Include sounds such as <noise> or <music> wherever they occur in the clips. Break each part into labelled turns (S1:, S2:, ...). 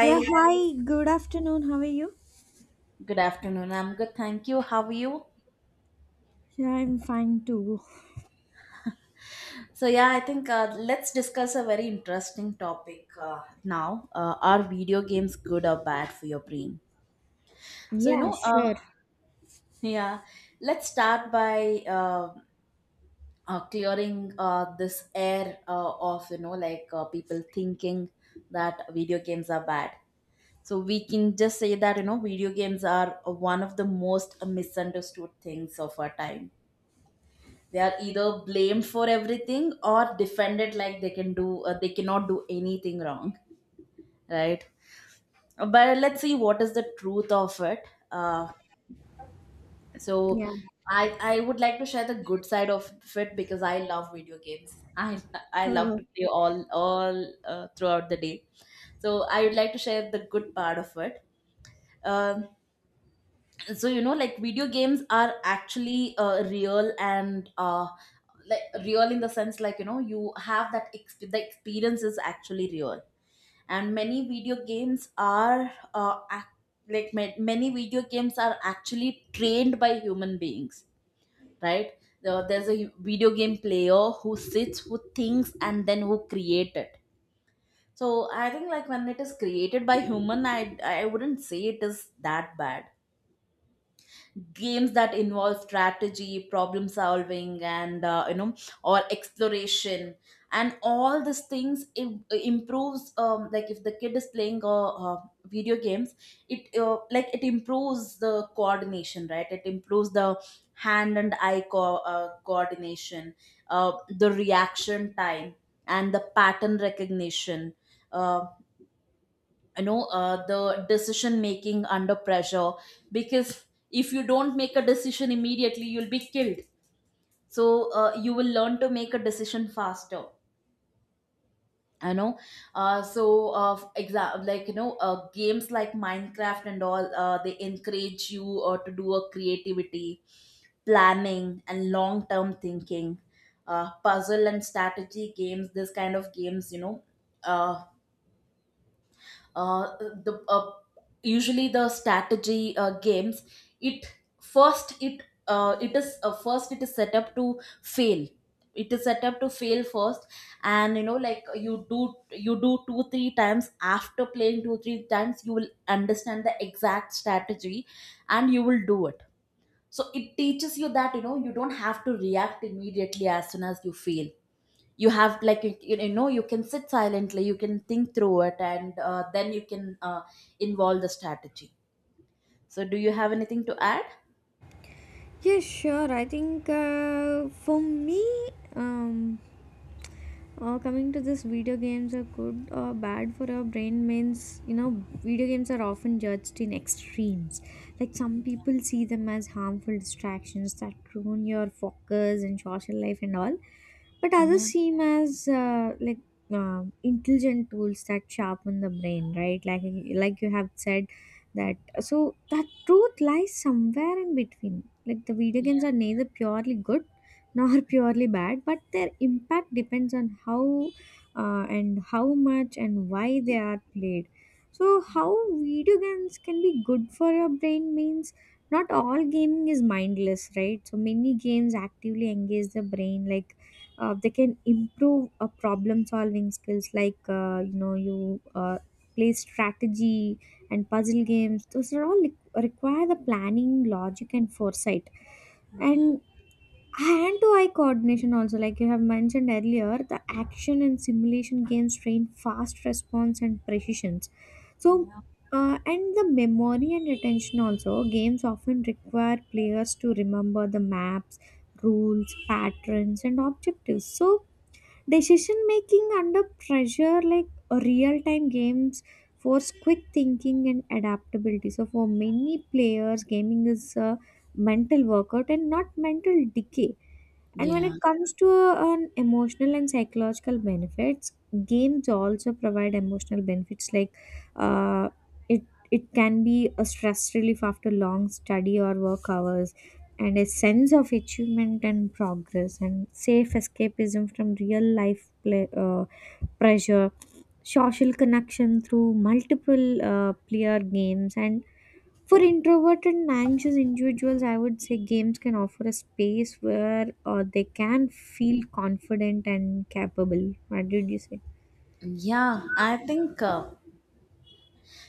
S1: Yeah, hi, good afternoon. How are you?
S2: Good afternoon. I'm good. Thank you. How are you?
S1: Yeah, I'm fine too.
S2: So, yeah, I think let's discuss a very interesting topic now. Are video games good or bad for your brain? So,
S1: Yeah, sure.
S2: yeah, let's start by clearing this air of, people thinking that video games are bad. So, we can just say that, video games are one of the most misunderstood things of our time. They are either blamed for everything or defended like they can do they cannot do anything wrong, right? But let's see what is the truth of it. uh, so
S1: Yeah.
S2: i i would like to share the good side of it because I love video games. <laughs> I love
S1: Uh,
S2: to play all throughout the day. So I would like to share the good part of it. Um so, video games are actually real, and real in the sense, like, you have that the experience is actually real. And many video games are many video games are actually trained by human beings, right? There's a video game player who sits, who thinks and then who create it. So I think, like, when it is created by human, I wouldn't say it is that bad. Games that involve strategy, problem solving and, you know, or exploration and all these things improves, like, if the kid is playing video games, it like, it improves the coordination, right? It improves the hand and eye coordination, uh, the reaction time and the pattern recognition, uh, you know, the decision making under pressure. Because if you don't make a decision immediately, you'll be killed. So you will learn to make a decision faster, you know. uh, so uh, like, games like minecraft and all, they encourage you to do a creativity, planning and long term thinking. Puzzle and strategy games, this kind of games, you know, uh, uh, the usually the strategy games, it first it it is first it is set up to fail. It is set up to fail first. And, you know, like, you do two three times. After playing two three times, you will understand the exact strategy, and you will do it. So it teaches you that, you know, you don't have to react immediately as soon as you fail. You have, like, you know, you can sit silently, you can think through it, and then you can involve the strategy. So do you have anything to add?
S1: yeah, sure. I think for me, um, coming to this, video games are good or bad for our brain means, you know, video games are often judged in extremes, like some people see them as harmful distractions that ruin your focus and social life and all, but others
S2: Yeah,
S1: seem as like intelligent tools that sharpen the brain, right? Like you have said that. So that truth lies somewhere in between, like the video
S2: yeah,
S1: games are neither purely good nor <laughs> purely bad, but their impact depends on how and how much and why they are played. So, how video games can be good for your brain means not all gaming is mindless, right? So, many games actively engage the brain, like they can improve problem solving skills, like, you know, you play strategy and puzzle games. Those are all require the planning, logic, and foresight, and hand to eye coordination also, like you have mentioned earlier, the action and simulation games train fast response and precisions. So and the memory and attention also, games often require players to remember the maps, rules, patterns, and objectives. So decision making under pressure, like real time games, force quick thinking and adaptability. So for many players, gaming is a mental workout and not mental decay. And when
S2: yeah,
S1: it comes to an emotional and psychological benefits, games also provide emotional benefits, like uh, it it can be a stress relief after long study or work hours, and a sense of achievement and progress, and safe escapism from real life play, pressure, social connection through multiple player games, and for introverted and anxious individuals, I would say games can offer a space where they can feel confident and capable. What did you say?
S2: yeah. I think,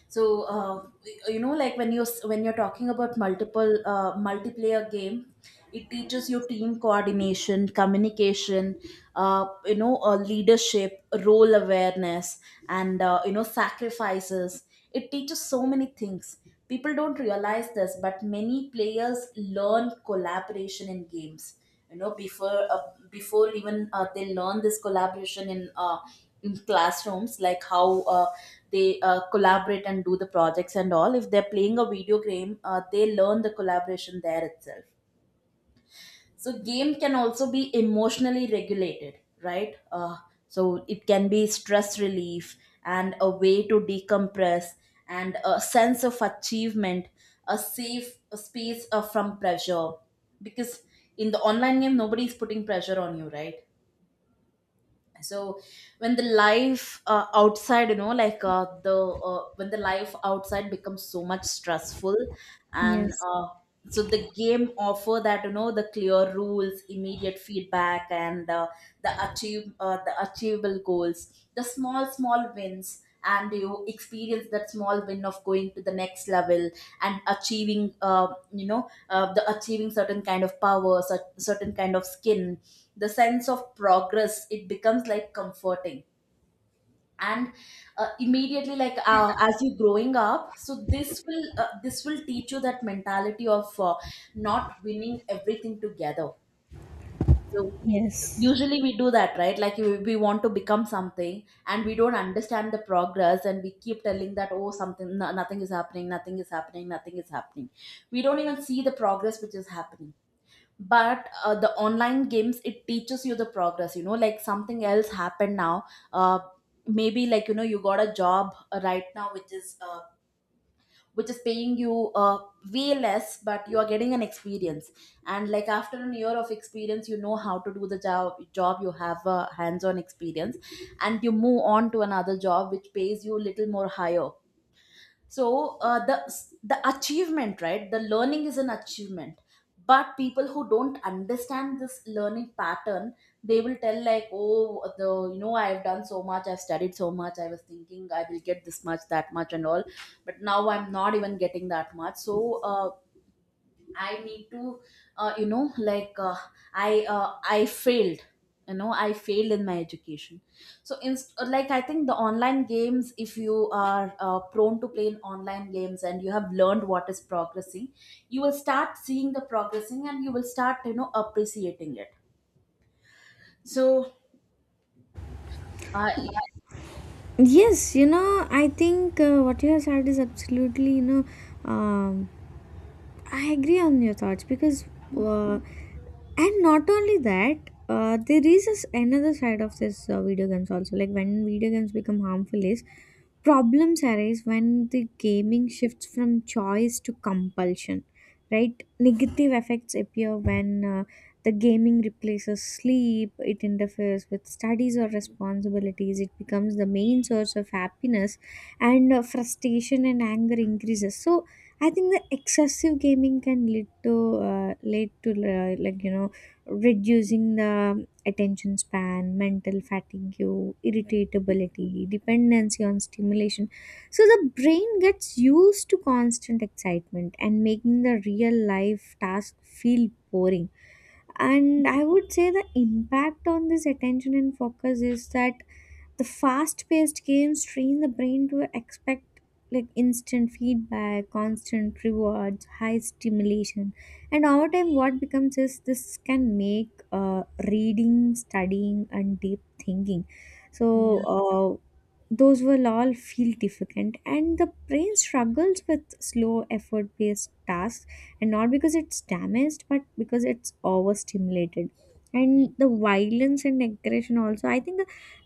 S2: so uh, you know, like, when you're talking about multiple multiplayer game, it teaches you team coordination, communication, you know, leadership role awareness, and, you know, sacrifices. It teaches so many things. People don't realize this, but many players learn collaboration in games, you know, before before even they learn this collaboration in, in classrooms, like, how they collaborate and do the projects and all. If they're playing a video game, they learn the collaboration there itself. So game can also be emotionally regulated, right? So it can be stress relief, and a way to decompress, and a sense of achievement, a safe space from pressure. Because in the online game, nobody is putting pressure on you, right? So when the life outside you know like the when the life outside becomes so much stressful. And
S1: Yes.
S2: so the game offer that, you know, the clear rules, immediate feedback, and, the achievable goals, the small small wins. And you experience that small win of going to the next level and achieving, you know, the achieving certain kind of power, certain kind of skin. The sense of progress, it becomes like comforting. And immediately like as you growing up, so this will teach you that mentality of not winning everything together. So
S1: Yes.
S2: usually we do that, right? Like we want to become something, and we don't understand the progress, and we keep telling that, oh, something, no, nothing is happening, nothing is happening, nothing is happening. We don't even see the progress which is happening. But the online games, it teaches you the progress, you know, like something else happened now. Uh, Maybe, like, you know, you got a job right now, which is paying you way less, but you are getting an experience. And, like, after an year of experience, you know how to do the job, you have a hands on experience, and you move on to another job which pays you little more higher. So the achievement, right, the learning is an achievement. But people who don't understand this learning pattern, they will tell like, oh, the, you know, I've done so much, I've studied so much, I was thinking I will get this much, that much and all, but now I'm not even getting that much. So I need to, you know, like, I failed. You know, I failed in my education. So, in, like, I think the online games, if you are prone to playing online games and you have learned what is progressing, you will start seeing the progressing, and you will start, you know, appreciating it. So, uh,
S1: Yes, you know, I think what you have said is absolutely, you know, um, I agree on your thoughts because uh, and not only that, there is this another side of this, video games also, like when video games become harmful is problems arise when the gaming shifts from choice to compulsion, right? Negative effects appear when the gaming replaces sleep, it interferes with studies or responsibilities, it becomes the main source of happiness, and frustration and anger increases. So I think the excessive gaming can lead to like, you know, reducing the attention span, mental fatigue, irritability, dependency on stimulation. So the brain gets used to constant excitement and making the real life task feel boring. And I would say the impact on this attention and focus is that the fast-paced games train the brain to expect like instant feedback, constant rewards, high stimulation, and over time, what becomes is this can make reading, studying, and deep thinking. So
S2: yeah,
S1: uh, those will all feel difficult, and the brain struggles with slow, effort-based tasks, and not because it's damaged, but because it's overstimulated. And the violence and aggression also, I think,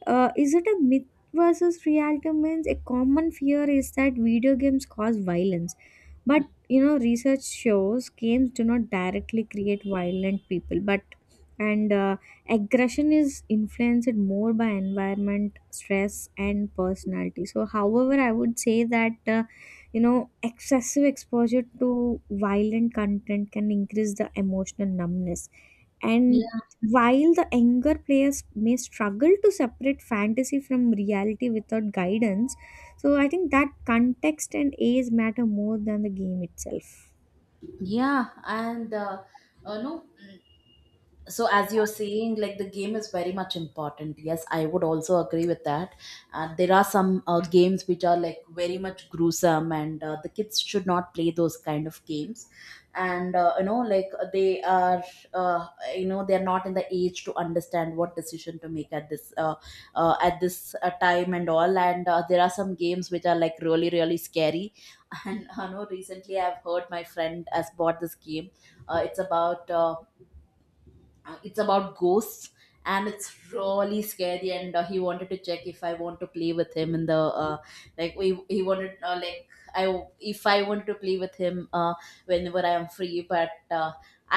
S1: is it a myth versus reality? Means a common fear is that video games cause violence, but, you know, research shows games do not directly create violent people, but and aggression is influenced more by environment, stress, and personality. So, however, I would say that you know, excessive exposure to violent content can increase the emotional numbness. And
S2: yeah,
S1: while the younger players may struggle to separate fantasy from reality without guidance, so I think that context and age matter more than the game itself.
S2: yeah, and no. So as you're saying, like, the game is very much important. Yes, I would also agree with that. There are some games which are like very much gruesome, and the kids should not play those kind of games and you know, like, they are uh, you know, they're not in the age to understand what decision to make at this time and all. And there are some games which are like really really scary. <laughs> And I know recently I've heard my friend has bought this game. It's about it's about ghosts, and it's really scary. And he wanted to check if I want to play with him in the uh, like we he wanted, I if I wanted to play with him whenever I am free. But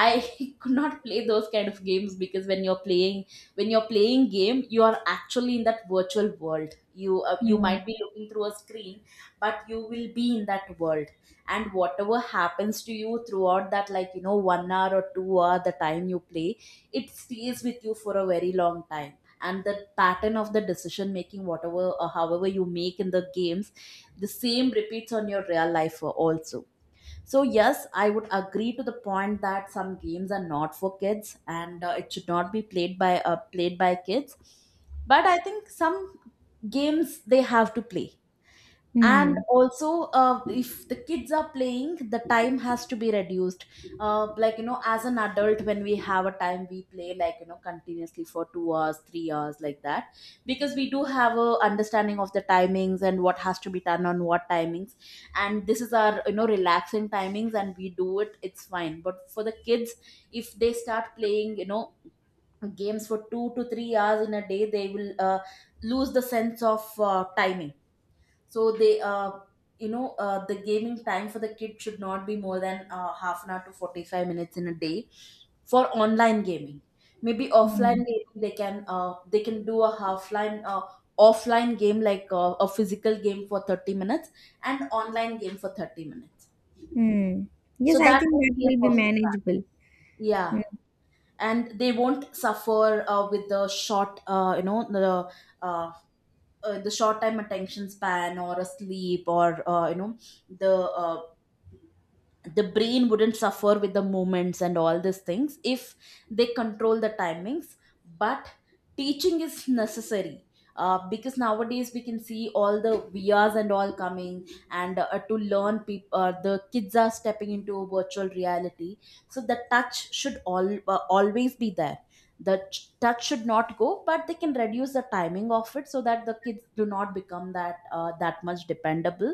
S2: I <laughs> could not play those kind of games, because when you're playing game, you are actually in that virtual world. You you
S1: Hmm.
S2: might be looking through a screen, but you will be in that world. And whatever happens to you throughout that, like, you know, 1 hour or 2 hour, the time you play, it stays with you for a very long time. And the pattern of the decision making, whatever or however you make in the games, the same repeats on your real life also. So yes, I would agree to the point that some games are not for kids, and it should not be played by kids. But I think some games, they have to play. And
S1: Hmm.
S2: also, if the kids are playing, the time has to be reduced. Like, you know, as an adult, when we have a time, we play, like, you know, continuously for 2 hours 3 hours, like that, because we do have a understanding of the timings and what has to be done on what timings. And this is our, you know, relaxing timings, and we do it, it's fine. But for the kids, if they start playing, you know, games for 2 to 3 hours in a day, they will lose the sense of timing. So they you know the gaming time for the kid should not be more than half an hour to 45 minutes in a day for online gaming. Maybe offline
S1: Hmm.
S2: gaming, they can do a offline game, like a physical game for 30 minutes, and online game for 30 minutes.
S1: Mm.
S2: So
S1: Yes, I
S2: that
S1: think
S2: would
S1: that
S2: be a
S1: will be
S2: perfect plan.
S1: manageable.
S2: Yeah.
S1: Hmm.
S2: And they won't suffer with the short uh, the short time attention span, or a sleep, or, you know, the uh, the brain wouldn't suffer with the movements and all these things if they control the timings. But teaching is necessary, because nowadays we can see all the vrs and all coming, and to learn people, the kids are stepping into a virtual reality. So the touch should all always be there. The touch should not go, but they can reduce the timing of it, so that the kids do not become that much dependable.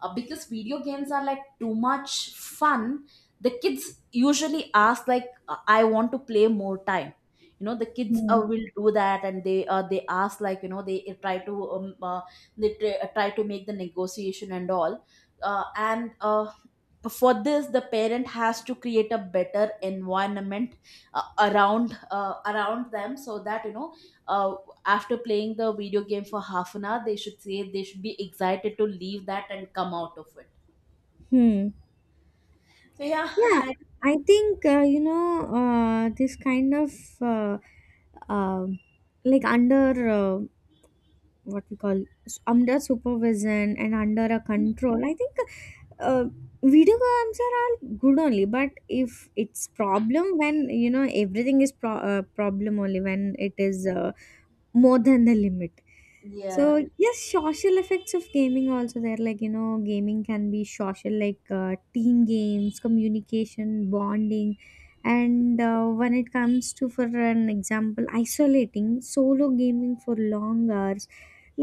S2: Because video games are like too much fun. The kids usually ask, like, I want to play more time. You know, the kids
S1: Mm.
S2: will do that, and they ask, like, you know, they try to they try, try to make the negotiation and all. And For this, the parent has to create a better environment around them, so that, you know, uh, after playing the video game for half an hour, they should say, they should be excited to leave that and come out of it.
S1: Hmm.
S2: So yeah.
S1: Yeah,
S2: I,
S1: I think you know, this kind of, uh, um like under, uh, what we call, under supervision and under a control, I think uh, video games are all good only, but if it's problem when, you know, everything is problem only when it is more than the limit. So
S2: yeah,
S1: yes, social effects of gaming also there, like, you know, gaming can be social, like team games, communication, bonding, and when it comes to, for an example, isolating solo gaming for long hours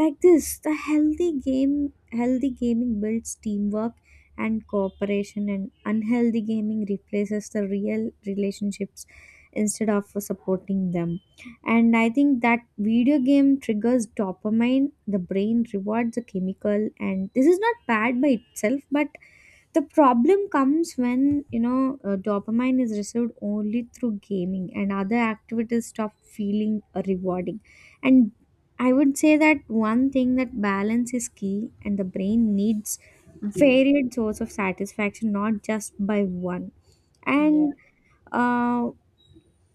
S1: like this. The healthy gaming builds teamwork and cooperation, and unhealthy gaming replaces the real relationships instead of supporting them. And I think that video game triggers dopamine, the brain rewards a chemical, and this is not bad by itself, but the problem comes when, you know, dopamine is received only through gaming and other activities stop feeling rewarding. And I would say that one thing that balance is key, and the brain needs varied source of satisfaction, not just by one.
S2: yeah,
S1: And uh,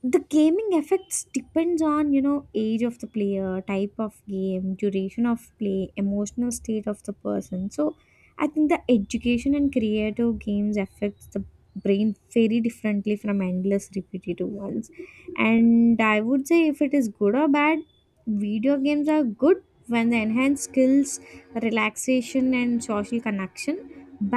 S1: the gaming effects depends on, you know, age of the player, type of game, duration of play, emotional state of the person. So I think the education and creative games affects the brain very differently from endless repetitive ones. And I would say, if it is good or bad, video games are good when they enhance skills, relaxation, and social connection.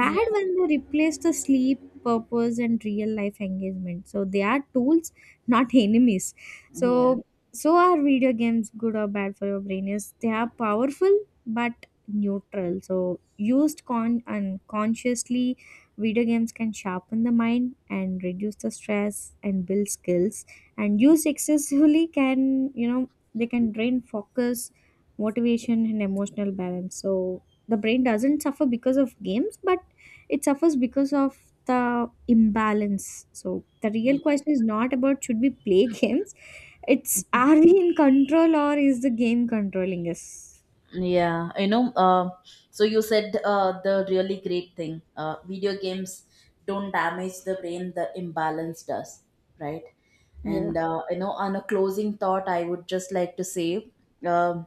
S2: yeah,
S1: when they replace the sleep, purpose, and real life engagement. So they are tools, not <laughs> enemies.
S2: yeah,
S1: So so are video games good or bad for your brain? Is they are powerful but neutral. So used con unconsciously, video games can sharpen the mind and reduce the stress and build skills, and used excessively can, you know, they can drain focus, motivation, and emotional balance. So the brain doesn't suffer because of games, but it suffers because of the imbalance. So the real
S2: yeah.
S1: question is not about should we play <laughs> games. It's are we in control or is the game controlling us?
S2: Yeah, you know, so you said the really great thing. Video games don't damage the brain, the imbalance does, right?
S1: Yeah.
S2: And, you know, on a closing thought, I would just like to say, um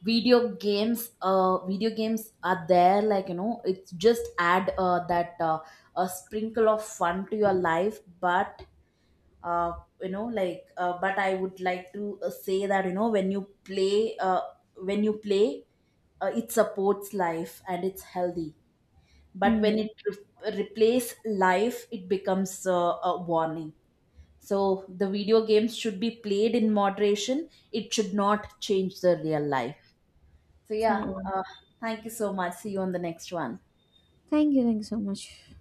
S2: video games are there, like, you know, it's just add that a sprinkle of fun to your life, but, uh, you know, but I would like to say that, you know, when you play, it supports life and it's healthy. But when
S1: Mm.
S2: it replace life, it becomes a warning. So the video games should be played in moderation, it should not change the real life. So
S1: Yeah.
S2: yeah, thank you so much. See you on the next one.
S1: Thank you. Thank you so much.